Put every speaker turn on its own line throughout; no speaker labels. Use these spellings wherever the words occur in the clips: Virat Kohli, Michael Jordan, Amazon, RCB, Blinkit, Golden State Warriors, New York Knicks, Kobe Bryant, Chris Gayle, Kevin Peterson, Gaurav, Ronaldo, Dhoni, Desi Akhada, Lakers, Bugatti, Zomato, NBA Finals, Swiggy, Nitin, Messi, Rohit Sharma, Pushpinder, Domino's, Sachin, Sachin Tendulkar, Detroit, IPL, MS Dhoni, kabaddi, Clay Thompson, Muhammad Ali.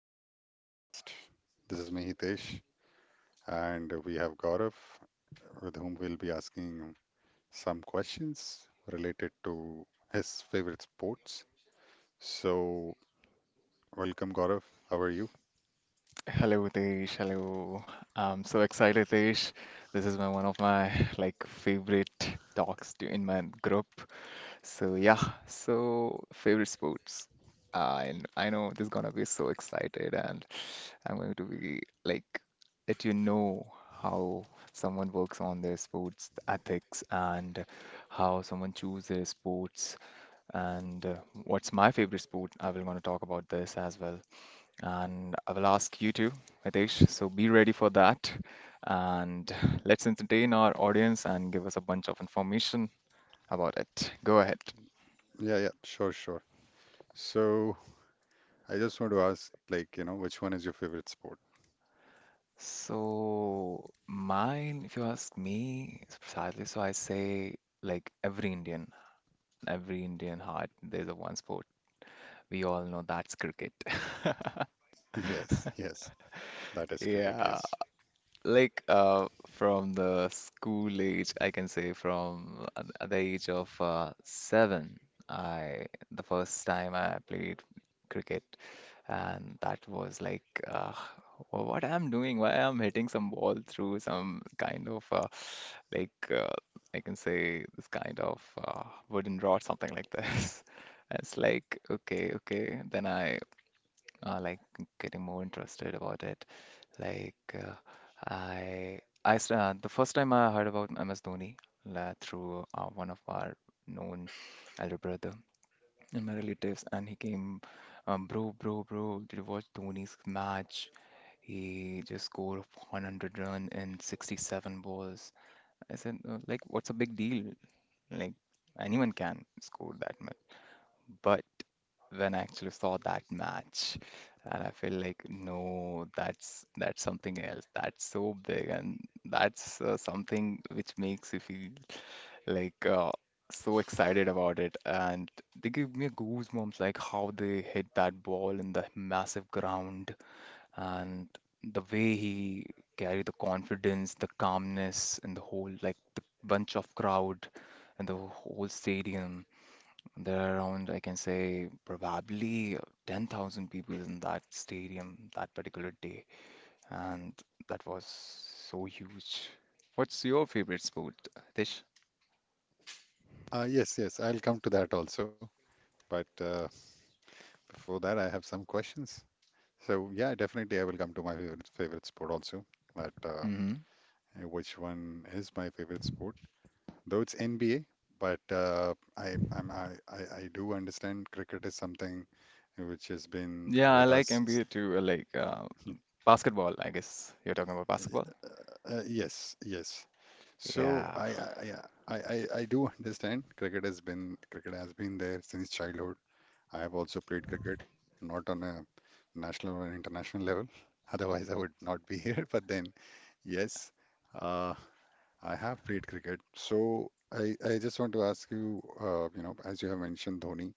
to our podcast. This is me, Hitesh, and we have Gaurav, with whom we'll be asking some questions related to his favorite sports. So, welcome, Gaurav. How are you?
Hello, Tish. Hello. I'm so excited, Tish. This is my one of my like favorite talks to, in my group. So yeah, so favorite sports. And I know this is gonna be so excited, and I'm going to be like let you know how someone works on their sports ethics and how someone chooses their sports and what's my favorite sport. I will want to talk about this as well. And I will ask you too, Mitesh. So be ready for that. And let's entertain our audience and give us a bunch of information about it. Go ahead.
Yeah, yeah, sure, sure. So, I just want to ask, like, you know, which one is your favorite sport?
So, mine, if you ask me, is precisely so I say, like every Indian heart, there's a one sport. We all know that's cricket.
Yes, yes, that is cricket, yes.
Yeah. Like from the school age, I can say from at the age of seven, I the first time I played cricket, and that was like, "Wha- what I'm doing, why I'm hitting some ball through some kind of like uh, I can say this kind of wooden rod, something like this. And it's like, okay, okay. Then I uh, like getting more interested about it. Like uh, the first time I heard about MS Dhoni la through one of our known elder brother and my relatives, and he came, bro, bro, bro, did you watch Dhoni's match? He just scored 100 run in 67 balls. I said, "Like, what's a big deal? Like, anyone can score that much. But when I actually saw that match. And I feel like, no, that's something else. That's so big, and that's something which makes you feel like uh, so excited about it. And they give me goosebumps, like how they hit that ball in the massive ground, and the way he carried the confidence, the calmness, and the whole like the bunch of crowd and the whole stadium. There are around, I can say, probably 10,000 people in that stadium that particular day, and that was so huge. What's your favorite sport, Tish?
Yes, yes, I'll come to that also. But before that, I have some questions. So yeah, definitely I will come to my favorite sport also. But
Hmm.
which one is my favorite sport? Though it's NBA, but I I'm, I do understand cricket is something which has been
Yeah, I
with
like
us. S-
NBA too. I like basketball, I guess. You're talking about basketball?
Yes, yes. So
Yeah.
I I I I I I do understand cricket has been there since childhood. I have also played cricket, not on a national or international level. Otherwise, I would not be here. But then, yes, uh, I have played cricket. So I just want to ask you, you know, as you have mentioned, Dhoni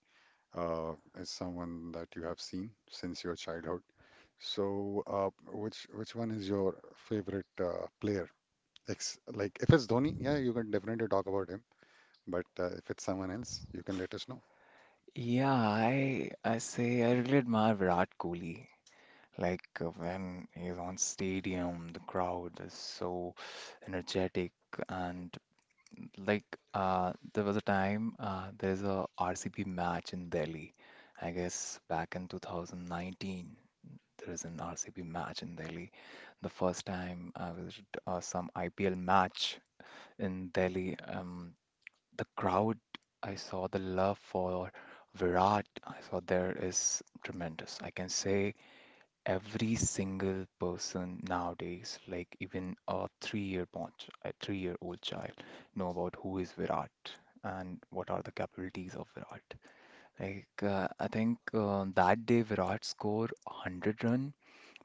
uh, is someone that you have seen since your childhood. So which one is your favorite player? Ex like if it's Dhoni, yeah, you can definitely talk about him. But if it's someone else, you can let us know.
Yeah, I say I really admire Virat Kohli. Like when he's on stadium, the crowd is so energetic and like, there was a time there's a RCB match in Delhi. I guess back in 2019, there is an RCB match in Delhi. The first time I was some IPL match in Delhi. The crowd, I saw the love for Virat. I saw there is tremendous. I can say every single person nowadays, like even a three-year bond, a three-year-old child, know about who is Virat and what are the capabilities of Virat. I think that day Virat scored 100 run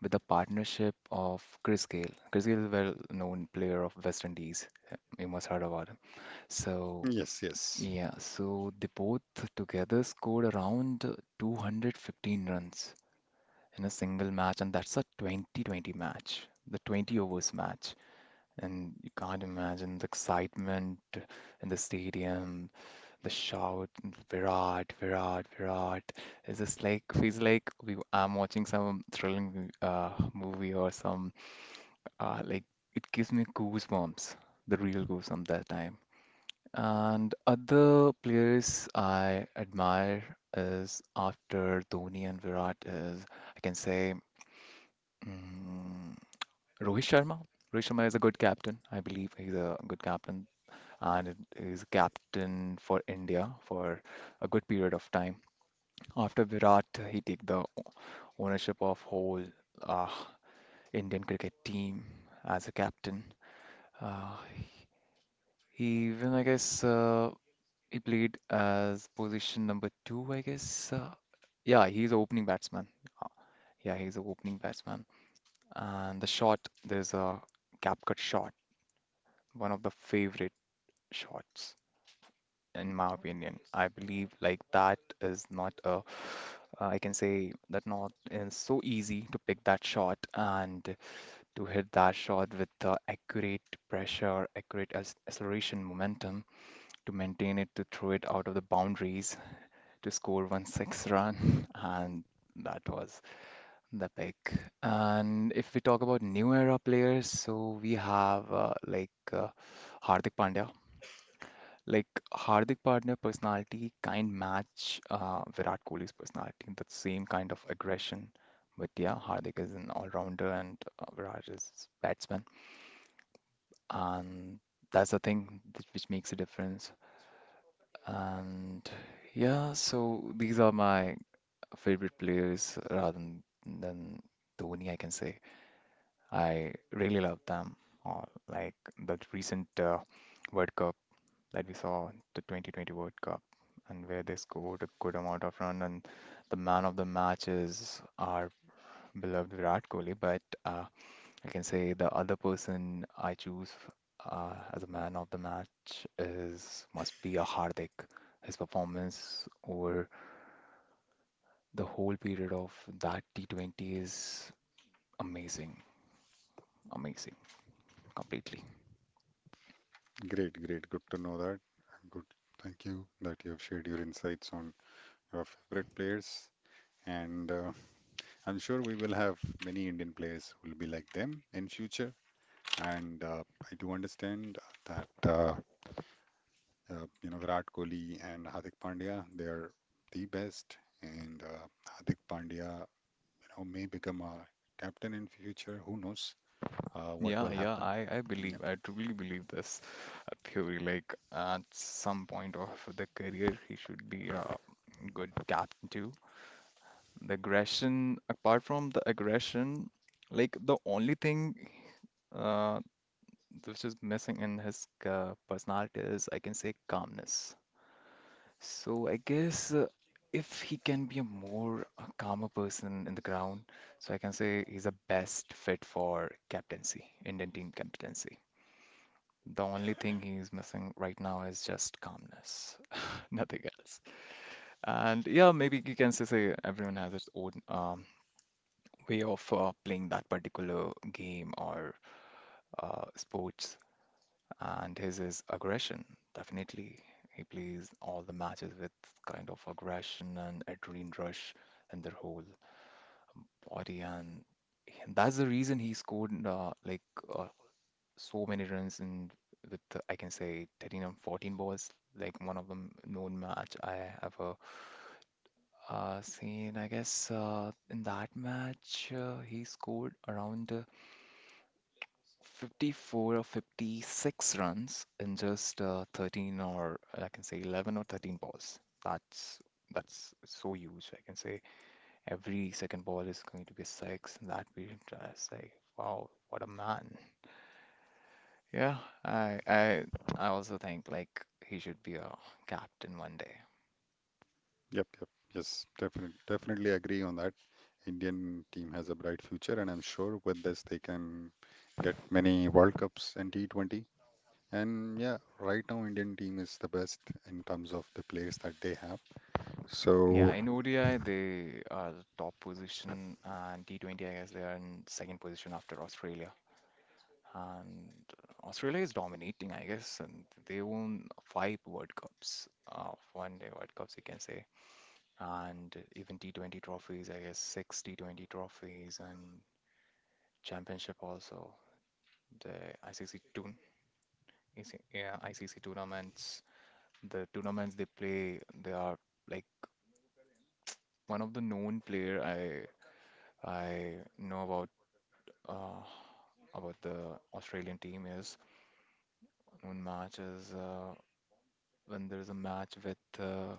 with the partnership of Chris Gayle. Chris Gayle, well-known player of West Indies. You must heard about him. So
Yes, yes.
yeah, so they both together scored around 215 runs in a single match, and that's a 2020 match, the 20 overs match. And you can't imagine the excitement in the stadium, the shout, Virat, Virat, Virat. It's just like feels like we I'm watching some thrilling movie or some uh, like it gives me goosebumps, the real goosebumps that time. And other players I admire is after Dhoni and Virat is I can say mm, Rohit Sharma. Rohit Sharma is a good captain. I believe he's a good captain and he's captain for India for a good period of time. After Virat, he take the ownership of whole uh, Indian cricket team as a captain. He even, I guess, he played as position number two, I guess. Yeah, he's an opening batsman. Yeah, he's an opening batsman. And the shot, there's a cap cut shot, one of the favorite shots in my opinion. I believe like that is not a, I can say that not is so easy to pick that shot and to hit that shot with the accurate pressure, accurate acceleration, momentum to maintain it, to throw it out of the boundaries, to score 16 run, and that was the pick. And if we talk about new era players, so we have Hardik Pandya. Like Hardik Pandya personality kind match Virat Kohli's personality in the same kind of aggression. But yeah, Hardik is an all-rounder and Virat is batsman, and that's the thing that, which makes a difference. And yeah, so these are my favorite players rather than Dhoni, I can say. I really love them. Or like the recent World Cup that we saw, the 2020 World Cup, and where they scored a good amount of run and the man of the match is our beloved Virat Kohli. But I can say the other person I choose as a man of the match is must be a Hardik. His performance over the whole period of that T20 is amazing, amazing, completely.
Great, great. Good to know that. Good. Thank you that you have shared your insights on your favorite players. And I'm sure we will have many Indian players who will be like them in future. And I do understand that you know, Virat Kohli and Hardik Pandya, they are the best. And Hardik Pandya, you know, may become a captain in future. Who knows what
Yeah,
will
yeah,
happen?
I believe, I truly believe this theory. Like at some point of the career, he should be a good captain too. The aggression, apart from the aggression, like the only thing which is missing in his personality is, I can say, calmness. So I guess if he can be a more calmer person in the ground, so I can say he's a best fit for captaincy, Indian team captaincy. The only thing he's missing right now is just calmness, nothing else. And yeah, maybe you can say, say everyone has its own way of playing that particular game or sports, and his is aggression. Definitely, he plays all the matches with kind of aggression and adrenaline rush in their whole body, and that's the reason he scored uh, so many runs in with I can say 13 or 14 balls. Like one of them known match I ever seen. I guess in that match he scored around 54 or 56 runs in just 13 or I can say 11 or 13 balls. That's so huge. I can say every second ball is going to be a 6 in that period. I say, wow, what a man. Yeah, I I I also think like he should be a captain one day.
Yep, yep. Yes, definitely, definitely agree on that. Indian team has a bright future, and I'm sure with this they can get many World Cups and T20. And yeah, right now Indian team is the best in terms of the players that they have.
Yeah,
So
in ODI they are the top position and T20 I guess they are in second position after Australia. And Australia is dominating I guess and they won 5 World Cups, one day World Cups you can say. And even T20 trophies, I guess 6 T20 trophies and championship also. The ICC tour, yeah, ICC tournaments, the tournaments they play, they are like one of the known player I know about, uh, about the Australian team is known match is when there is a match with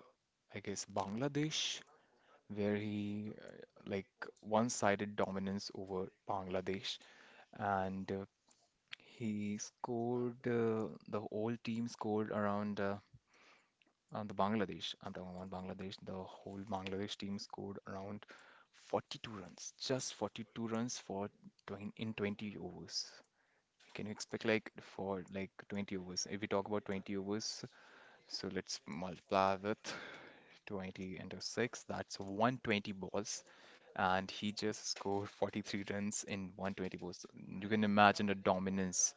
I guess Bangladesh where he like one-sided dominance over Bangladesh and he scored the whole team scored around the Bangladesh. I'm talking about Bangladesh. The whole Bangladesh team scored around 42 runs, just 42 runs for 20, in 20 overs. Can you expect like for like 20 overs? If we talk about 20 overs, so let's multiply with 20 into 6. That's 120 balls, and he just scored 43 runs in 120 balls. You can imagine the dominance.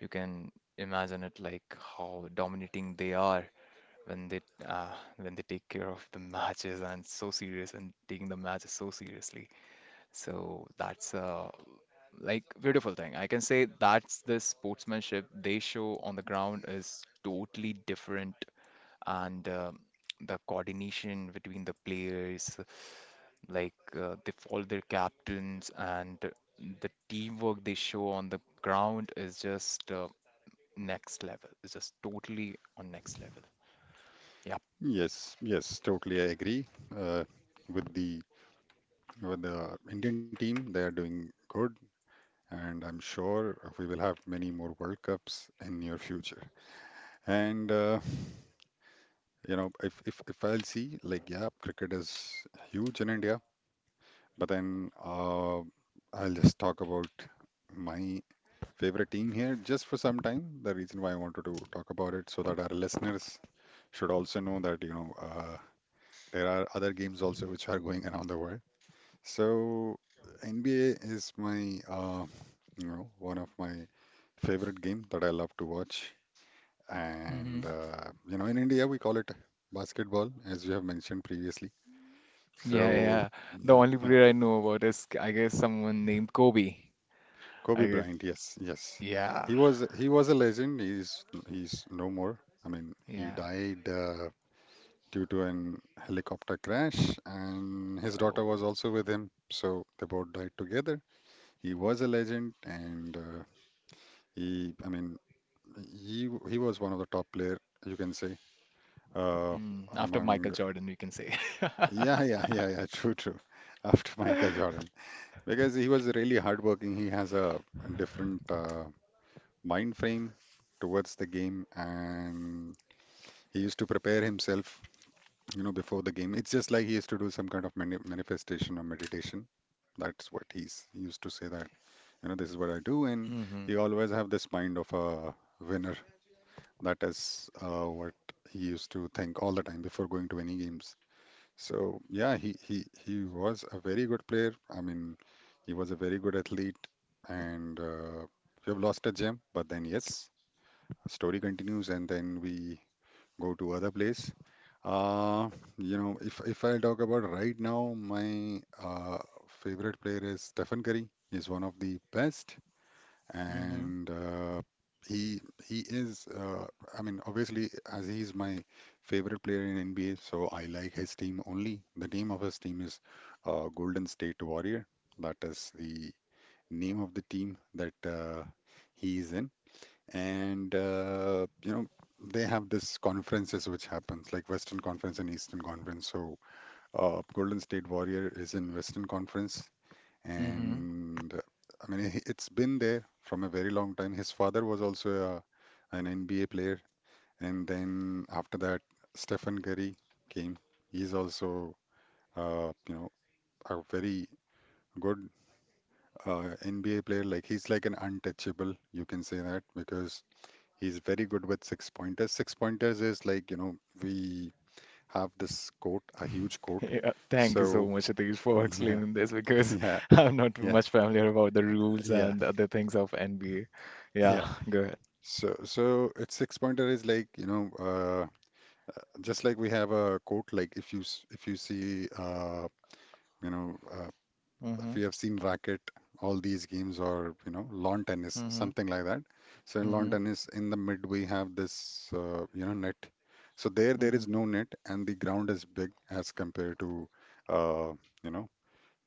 You can imagine it like how dominating they are when they uh, when they take care of the matches and so serious and taking the matches so seriously. So that's a like beautiful thing. I can say that's the sportsmanship they show on the ground is totally different and the coordination between the players, like they follow their captains and the teamwork they show on the ground is just next level. It's just totally on next level.
yes, yes, totally I agree. Uh, with the with the Indian team, they are doing good, and I'm sure we will have many more World Cups in near future. And you know, if I'll see like, yeah, cricket is huge in India, but then I'll just talk about my favorite team here just for some time. The reason why I wanted to talk about it so that our listeners should also know that, you know, there are other games also which are going around the world. So NBA is my you know, one of my favorite game that I love to watch,
Yeah.
and you know, in India we call it basketball, as you have mentioned previously.
Yeah,
So
yeah. The
yeah,
only
yeah.
player I know about is, I guess, someone named Kobe.
Kobe
I guess,
Bryant, yes, yes.
yeah,
He was a legend. He's no more. I mean, he
yeah.
died due to an helicopter crash, and his daughter
Oh,
was also with him. So they both died together. He was a legend, and he, I mean, he was one of the top player, you can say, uh,
after Michael
among.
Jordan, we can say.
Yeah, yeah, yeah, yeah. True, true. After Michael Jordan, because he was really hardworking. He has a different. Mind frame towards the game, and he used to prepare himself, you know, before the game. It's just like he used to do some kind of manifestation or meditation. That's what he used to say, that, you know, this is what I do. And he
Mm-hmm.
always have this mind of a winner. That is what he used to think all the time before going to any games. So yeah, he was a very good player. I mean, he was a very good athlete, and we have lost a gem, but then yes, story continues, and then we go to other place. Uh, you know, if I talk about right now, my favorite player is Stephen Curry. He's one of the best,
Mm-hmm.
and he he is. I mean, obviously, as he's my favorite player in NBA, so I like his team only. The name of his team is Golden State Warrior. That is the name of the team that he is in, and you know, they have this conferences which happens like Western Conference and Eastern Conference. So Golden State Warrior is in Western Conference,
Mm-hmm.
and it's been there from a very long time. His father was also a, an NBA player, and then after that Stephen Curry came. He's also you know, a very good NBA player. Like he's like an untouchable, you can say that, because he's very good with six pointers. Six pointers is like, you know, we have this court, a huge court.
Yeah, thank you so
So
much, Satish, for
yeah,
explaining this because
yeah,
I'm not
yeah,
much familiar about the rules
yeah,
and other things of NBA. Yeah,
yeah.
go ahead.
So so it's six pointer is like, you know, just like we have a court, like if you if you see you know uh, if
Mm-hmm.
you have seen racket, all these games, or you know, lawn tennis,
Mm-hmm.
something like that. So in lawn
Mm-hmm.
tennis, in the mid we have this you know, net. So there
Mm-hmm.
is no net, and the ground is big as compared to uh, you know,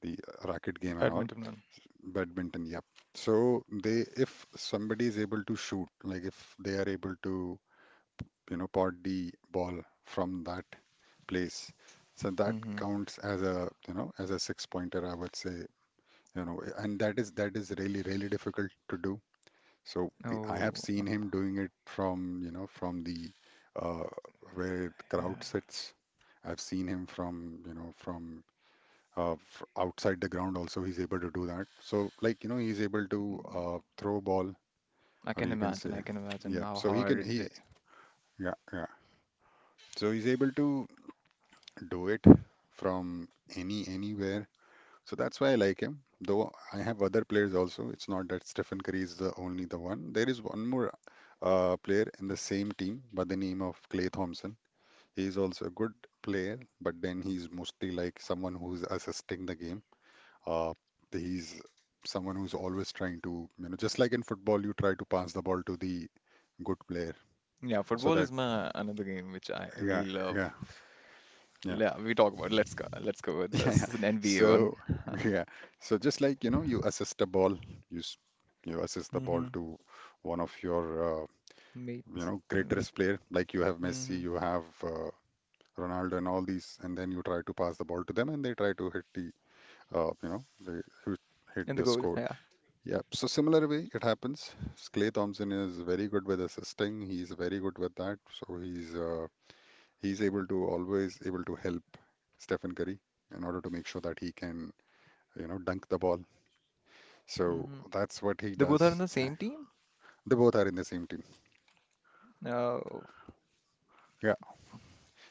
the racket
The
game and all.
badminton one.
Badminton, yep. So they, if somebody is able to shoot, like if they are able to, you know, pot the ball from that place. So that
Mm-hmm.
counts as a, you know, as a six pointer, I would say, you know, and that is really really difficult to do. So we, I have
Oh,
seen him doing it from, you know, from the uh, where the crowd
yeah.
sits. I've seen him from, you know, from outside the ground also. He's able to do that, so, like, you know, he's able to throw ball,
I
or
can
you can
imagine.
say,
I can imagine
yeah,
how
so he can
hard
he,
it.
yeah, yeah, so he's able to do it from anywhere. So that's why I like him. Though I have other players also. It's not that Stephen Curry is the only the one. There is one more player in the same team by the name of Clay Thompson. He is also a good player, but then he's mostly like someone who's assisting the game. Uh, he's someone who's always trying to, you know, just like in football, you try to pass the ball to the good player
Yeah,
so
football
that
is my another game which I
yeah,
really
yeah,
love.
yeah.
Yeah, we talk about let's go with
Yeah,
this.
yeah.
It's an NBA one.
So, yeah. So just like, you know, you assist a ball, you s- you assist the ball
Mm-hmm.
to one of your you
Mate
know,
with
greatest player, like you have
mm-hmm.
Messi, you have Ronaldo, and all these, and then you try to pass the ball to them, and they try to hit the you know, they hit hit
In the
the
goal.
score.
Yeah.
Yeah. So similar way it happens. Clay Thompson is very good with assisting. He's very good with that. So he's able to always able to help Stephen Curry in order to make sure that he can, you know, dunk the ball. So
Mm-hmm.
that's what he
They both are in
does.
the
Uh,
same team.
They both are in the same team.
Oh,
Yeah,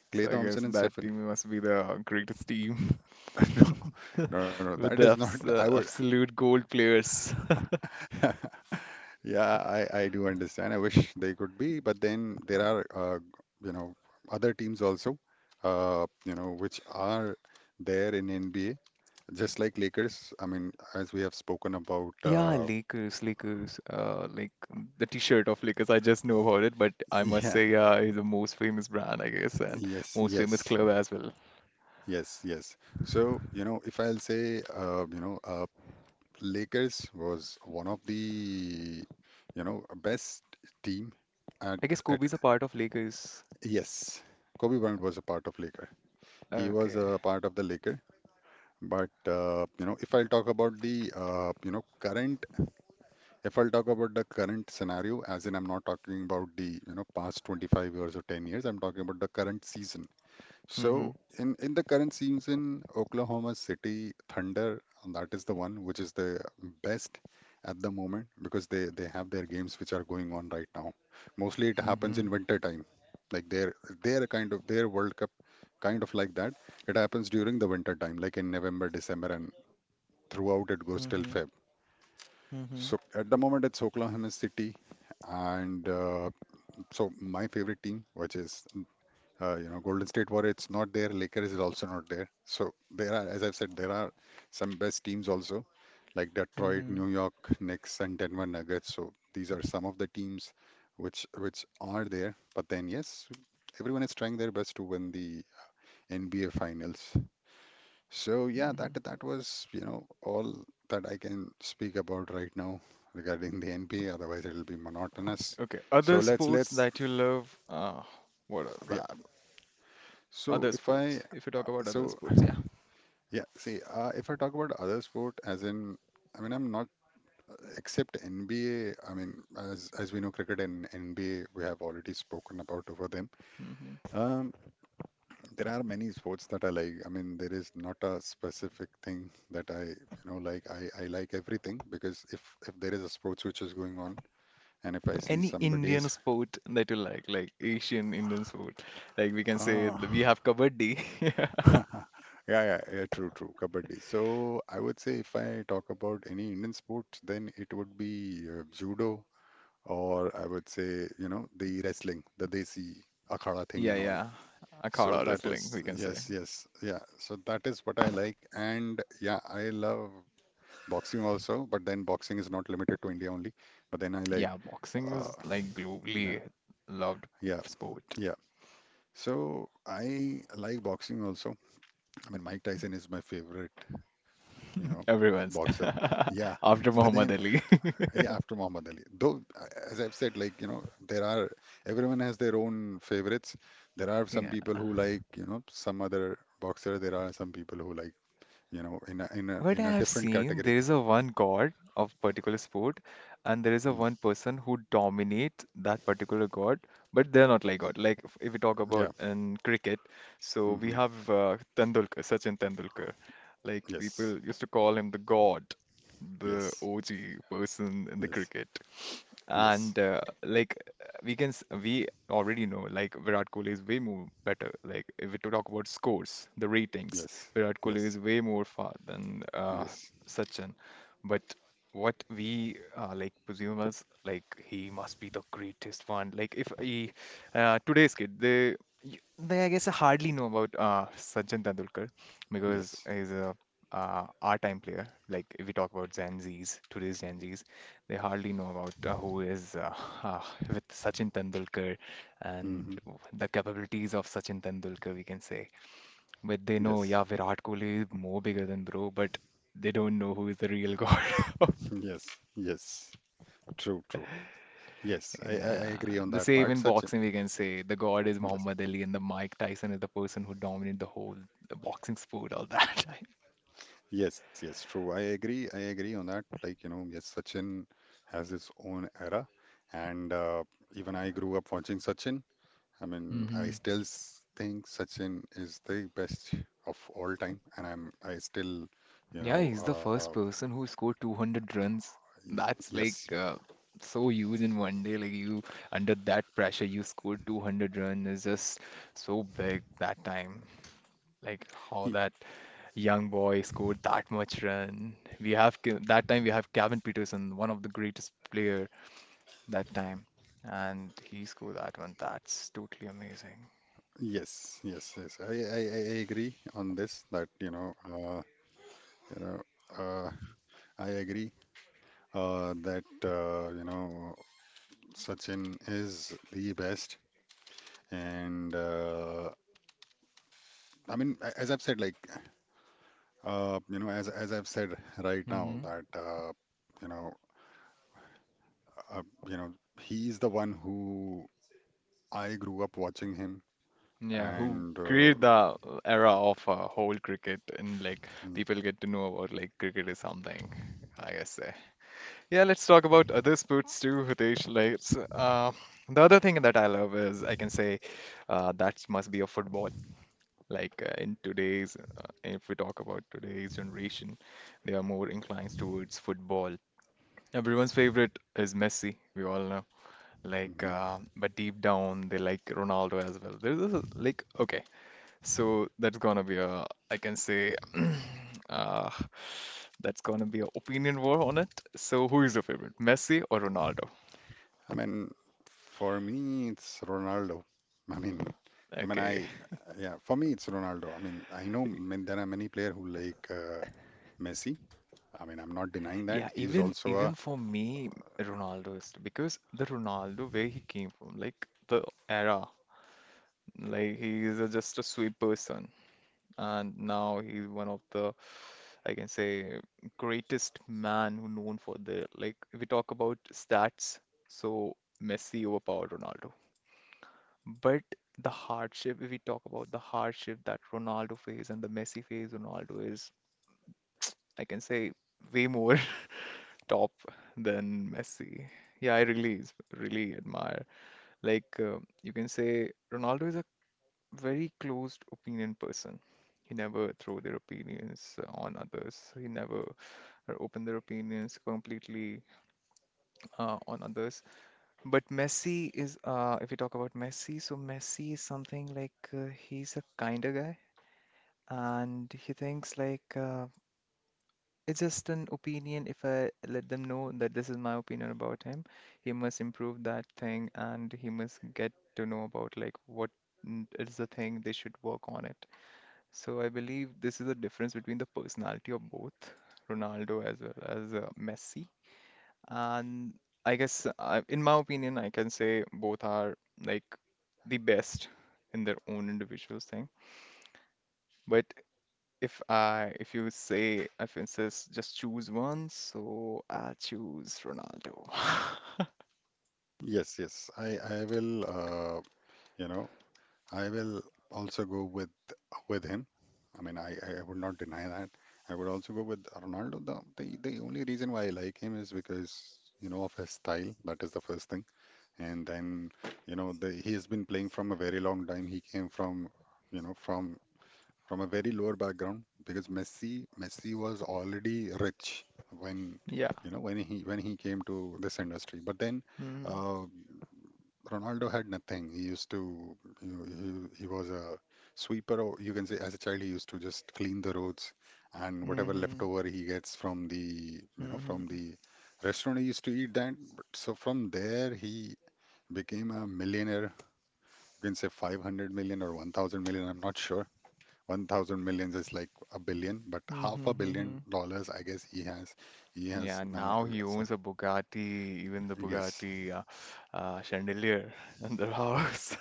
Clay
so I guess
Thompson and
that
Stephen.
team must be the greatest team
No, no, no, that
with
is
the
not. I would.
absolute gold players.
Yeah, I do understand. I wish they could be, but then there are you know, other teams also, you know, which are there in NBA, just like Lakers. I mean, as we have spoken about.
Yeah, Lakers, Lakers, like the t-shirt of Lakers, I just know about it, but I must
Yeah.
say, yeah, it's the most famous brand, I guess, and
Yes,
most famous
yes,
club as well.
yes, yes. So, you know, if I'll say, Lakers was one of the, you know, best team at
I guess
at
Kobe's a part of Lakers.
yes, Kobe Bryant was a part of Laker. He was
Okay.
a part of the Laker. But you know, if I'll talk about the you know, current, if I'll talk about the current scenario, as in I'm not talking about the, you know, past 25 years or 10 years. I'm talking about the current season.
Mm-hmm.
So in the current season, Oklahoma City Thunder, that is the one which is the best at the moment, because they have their games which are going on right now. Mostly it happens
Mm-hmm.
in winter time. Like their kind of their World Cup kind of, like that. It happens during the winter time, like in November, December, and throughout it goes till
Mm-hmm.
Feb. So
Mm-hmm.
at the moment it's Oklahoma City, and so my favorite team, which is you know, Golden State Warriors, it's not there. Lakers is also not there. So there are, as I've said, there are some best teams also, like Detroit,
Mm-hmm.
New York Knicks, and Denver Nuggets. So these are some of the teams which are there. But then, yes, everyone is trying their best to win the NBA Finals. So yeah,
Mm-hmm.
that was, all that I can speak about right now regarding the NBA. Otherwise, it'll be monotonous.
Okay.
So
Other
let's
sports
let's
that you love, what is
yeah.
that?
So
Other
if I
sports. If you talk about other
so
sports, yeah.
yeah, see, if I talk about other sport, as in, I mean, I'm not except NBA. I mean, as we know, cricket and NBA, we have already spoken about over them.
Mm-hmm.
Um, there are many sports that I like. I mean, there is not a specific thing that I like. I like everything because if there is a sports which is going on, and if I see
Any Indian
somebody's,
sport that you like Asian Indian sport, like we can say we
ah,
have kabaddi.
yeah, yeah, yeah, true, true, kabaddi. So I would say if I talk about any Indian sports, then it would be judo. Or I would say, the wrestling, the Desi Akhada thing
Yeah,
and all.
yeah. I
So
call it
that
wrestling,
is,
we can say.
yes, yes, yeah. So that is what I like. And yeah, I love boxing also, but then boxing is not limited to India only. But then I like,
Yeah, boxing is
uh,
like
yeah,
globally loved
yeah,
sport.
yeah. So I like boxing also. I mean, Mike Tyson is my favorite, you know,
Everyone's
boxer. Yeah.
after
But
Muhammad
then,
Ali.
yeah, after Muhammad Ali. Though, as I've said, like, there are, everyone has their own favorites. There are some
Yeah.
people who like, some other boxer. There are some people who like, in a in a
What I
in a
have
different
seen,
category.
there is a one god of particular sport, and there is a
Mm.
one person who dominate that particular god, but they're not like god. Like if we talk about
Yeah.
in cricket, so we
Hmm.
have Tendulkar, Sachin Tendulkar. Like
Yes.
people used to call him the god, the
Yes.
OG person in the
Yes.
cricket.
Yes.
And like we already know like Virat Kohli is way more better. Like if we to talk about scores, the ratings,
Yes.
Virat Kohli
Yes.
is way more far than
Yes.
Sachin. But what we like presume as like he must be the greatest one. Like if he today's kid, they I guess hardly know about Sachin Tendulkar because
Yes.
he's a our time player, like if we talk about Gen Zs, today's Gen Zs, they hardly know about who is uh, with Sachin Tendulkar and
Hmm.
the capabilities of Sachin Tendulkar, we can say. But they know,
Yes.
yeah, Virat Kohli is more bigger than bro, but they don't know who is the real god.
Yes. Yes. True. True. Yes. I
Yeah,
agree on
the
that
same
part,
in
Sachin.
boxing, we can say the god is
Yes.
Muhammad Ali, and the Mike Tyson is the person who dominated the whole the boxing sport all that time.
Yes, yes, true. I agree. I agree on that. Like, yes, Sachin has his own era, and even I grew up watching Sachin. I mean, I
Hmm
still think Sachin is the best of all time, and I still, you
Yeah,
know,
he's the
uh,
first person who scored 200 runs.
y-
That's
yes,
like so huge in one day. Like you, under that pressure, you scored 200 runs is just so big that time. Like how
y-
that young boy scored that much run. We have that time we have Kevin Peterson, one of the greatest player that time, and he scored that one. That's totally amazing.
yes, yes, yes. I agree on this that you know, uh, I agree that Sachin is the best. And I mean, as I've said, like as I've said right now
Hmm
that you know, uh, you know, he's the one who I grew up watching him,
Yeah, who
and
create the era of whole cricket and like
mm,
people get to know about like cricket is something, I guess. Say. Yeah, let's talk about other sports too, Hitesh. The other thing that I love is I can say that must be a football. Like in today's, if we talk about today's generation, they are more inclined towards football. Everyone's favorite is Messi, we all know. Like,
mhm.
but deep down, they like Ronaldo as well. There's a, like, okay. So that's gonna be a, I can say, uh, that's gonna be an opinion war on it. So who is your favorite, Messi or Ronaldo?
I mean, for me, it's Ronaldo. I mean, I mean,
Okay.
I yeah, for me, it's Ronaldo. I mean, I know man, there are many players who like Messi. I mean, I'm not denying that
Yeah,
he's
even
also a
even for me, Ronaldo is because the Ronaldo where he came from, like the era, like he is a, just a sweet person, and now he's one of the I can say greatest man who known for the like if we talk about stats, so Messi overpowered Ronaldo. But the hardship, if we talk about the hardship that Ronaldo faced and the Messi faced, Ronaldo is, I can say, way more top than Messi. Yeah, I really, really admire. Like, you can say Ronaldo is a very closed opinion person. He never throw their opinions on others. He never open their opinions completely on others. But Messi is, if we talk about Messi, so Messi is something like he's a kinder guy, and he thinks like it's just an opinion. If I let them know that this is my opinion about him, he must improve that thing, and he must get to know about like what is the thing they should work on it. So I believe this is the difference between the personality of both Ronaldo as well as Messi. And I guess, in my opinion, I can say both are like the best in their own individual thing. But if I, if you say, if it says just choose one, so I choose Ronaldo.
Yes, yes. You know I will also go with him. I mean, I would not deny that. I would also go with Ronaldo. The only reason why I like him is because, of his style. That is the first thing. And then, he has been playing from a very long time. He came from, you know, from from a very lower background because Messi was already rich when,
Yeah.
when he came to this industry. But then,
Mm-hmm.
uh, Ronaldo had nothing. He used to, he was a sweeper, or you can say as a child, he used to just clean the roads and whatever leftover he gets from the, you know,
hmm
from the restaurant, he used to eat that. But so from there, he became a millionaire. You can say 500 million or 1,000 million, I'm not sure. 1,000 millions is like a billion, but half
hmm
a
hmm
billion dollars, I guess he has. He has
Yeah,
now,
now he
sir.
owns a Bugatti, even the
Yes,
Bugatti chandelier in the house.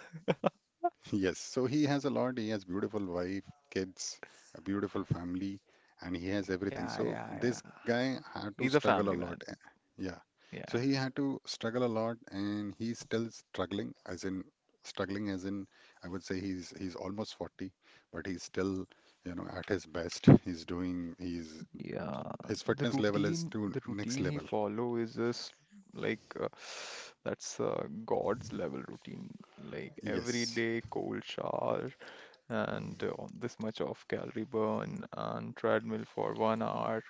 yes, so he has a lot. He has beautiful wife, kids, a beautiful family, and he has everything.
Yeah,
So
yeah,
this
yeah.
guy had to
He's a
struggle a
family
lot.
man.
Yeah. So
Yeah.
he had to struggle a lot and he's still struggling as in I would say he's almost 40, but he's still, at his best. He's doing he's
Yeah,
his
the
fitness level is
routine,
to
the
next
routine he
level.
follow is just like that's God's level routine. Like every
Yes.
day, cold shower and this much of calorie burn and treadmill for 1 hour,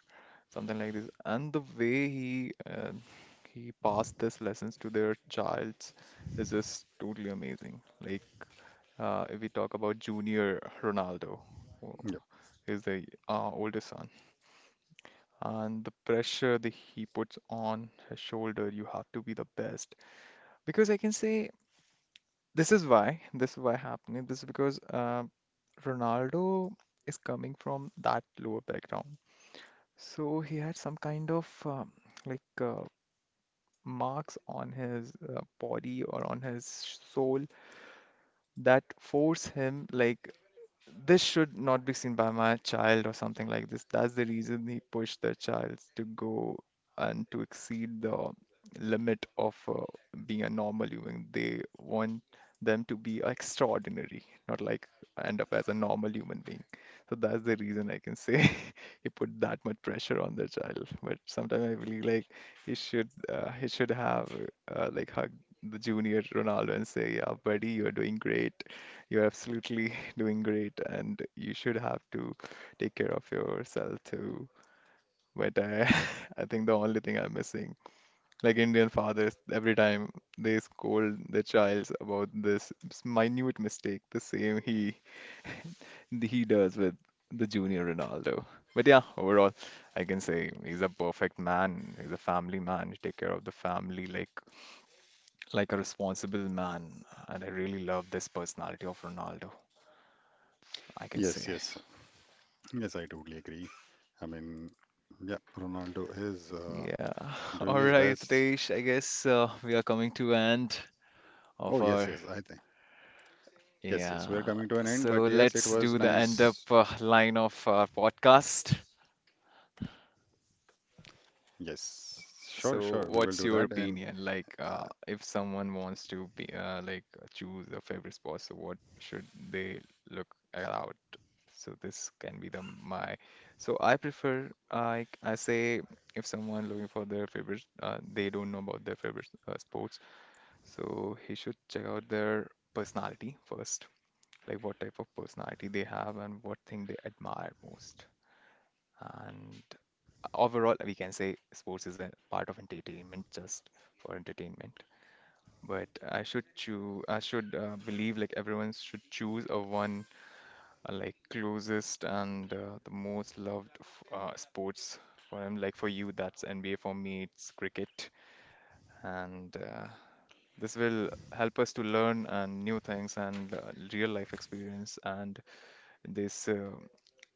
something like this. And the way he passed this lessons to their childs is just totally amazing. Like if we talk about Junior Ronaldo, who
Yep.
is the oldest son and the pressure that he puts on his shoulder, you have to be the best. Because I can say this is why happening. This is because Ronaldo is coming from that lower background. So he had some kind of like marks on his body or on his soul that force him like this should not be seen by my child or something like this. That's the reason he pushed the child to go and to exceed the limit of being a normal human. They want them to be extraordinary, not like end up as a normal human being. So that's the reason I can say. He put that much pressure on the child. But sometimes I believe like he should have like hugged the junior Ronaldo and say, "Yeah, buddy, you're doing great. You're absolutely doing great, and you should have to take care of yourself too." But I, I think the only thing I'm missing, like Indian fathers, every time they scold their child about this minute mistake, the same he does with the junior Ronaldo. But yeah, overall, I can say he's a perfect man. He's a family man. He take care of the family like a responsible man. And I really love this personality of Ronaldo. I can
Yes,
say.
yes. Yes, I totally agree. I mean, yeah, Ronaldo is
Yeah.
doing
All
his
right,
best.
Ritesh. I guess we are coming to end
Oh,
of
yes,
our
yes, I think. Yes, yes, we're
yeah.
coming to an end,
So
but yes, it
let's
was
do the end up
nice.
line of our podcast.
Yes, sure, sure,
So,
we will do
what's
that.
your
And
opinion? Like,
uh,
if someone wants to be like choose a favorite spot, so what should they look out? So this can be the my. So I prefer I say if someone looking for their favorite, they don't know about their favorite sports, so he should check out their personality first, like what type of personality they have and what thing they admire most, and overall, we can say sports is a part of entertainment, just for entertainment. But I should choose, I should believe like everyone should choose a one like closest and the most loved sports for him. Like for you, that's NBA. For me, it's cricket. And this will help us to learn and new things and real life experience. And this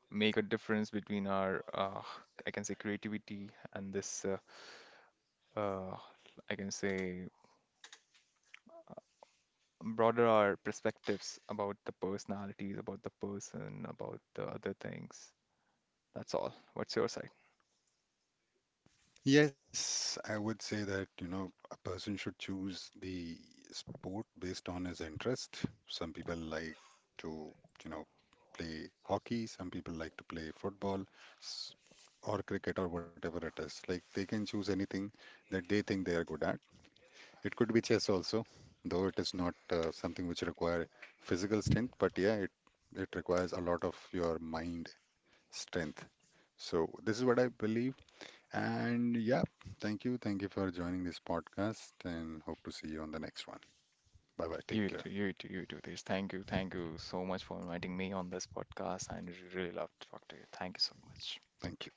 make a difference between our, I can say, creativity and this uh, I can say, broader our perspectives about the personalities, about the person, about the other things. That's all. What's your side?
yes, I would say that, a person should choose the sport based on his interest. Some people like to, you know, play hockey, some people like to play football s- or cricket or whatever it is. Like they can choose anything that they think they are good at. It could be chess also, though it is not something which require physical strength, but yeah, it requires a lot of your mind strength. So this is what I believe. And yeah, thank you. Thank you for joining this podcast and hope to see you on the next one. Bye bye. Take
You
care.
too, you too, you too, This. Thank you so much for inviting me on this podcast. I really love to talk to you. Thank you so much.
Thank you.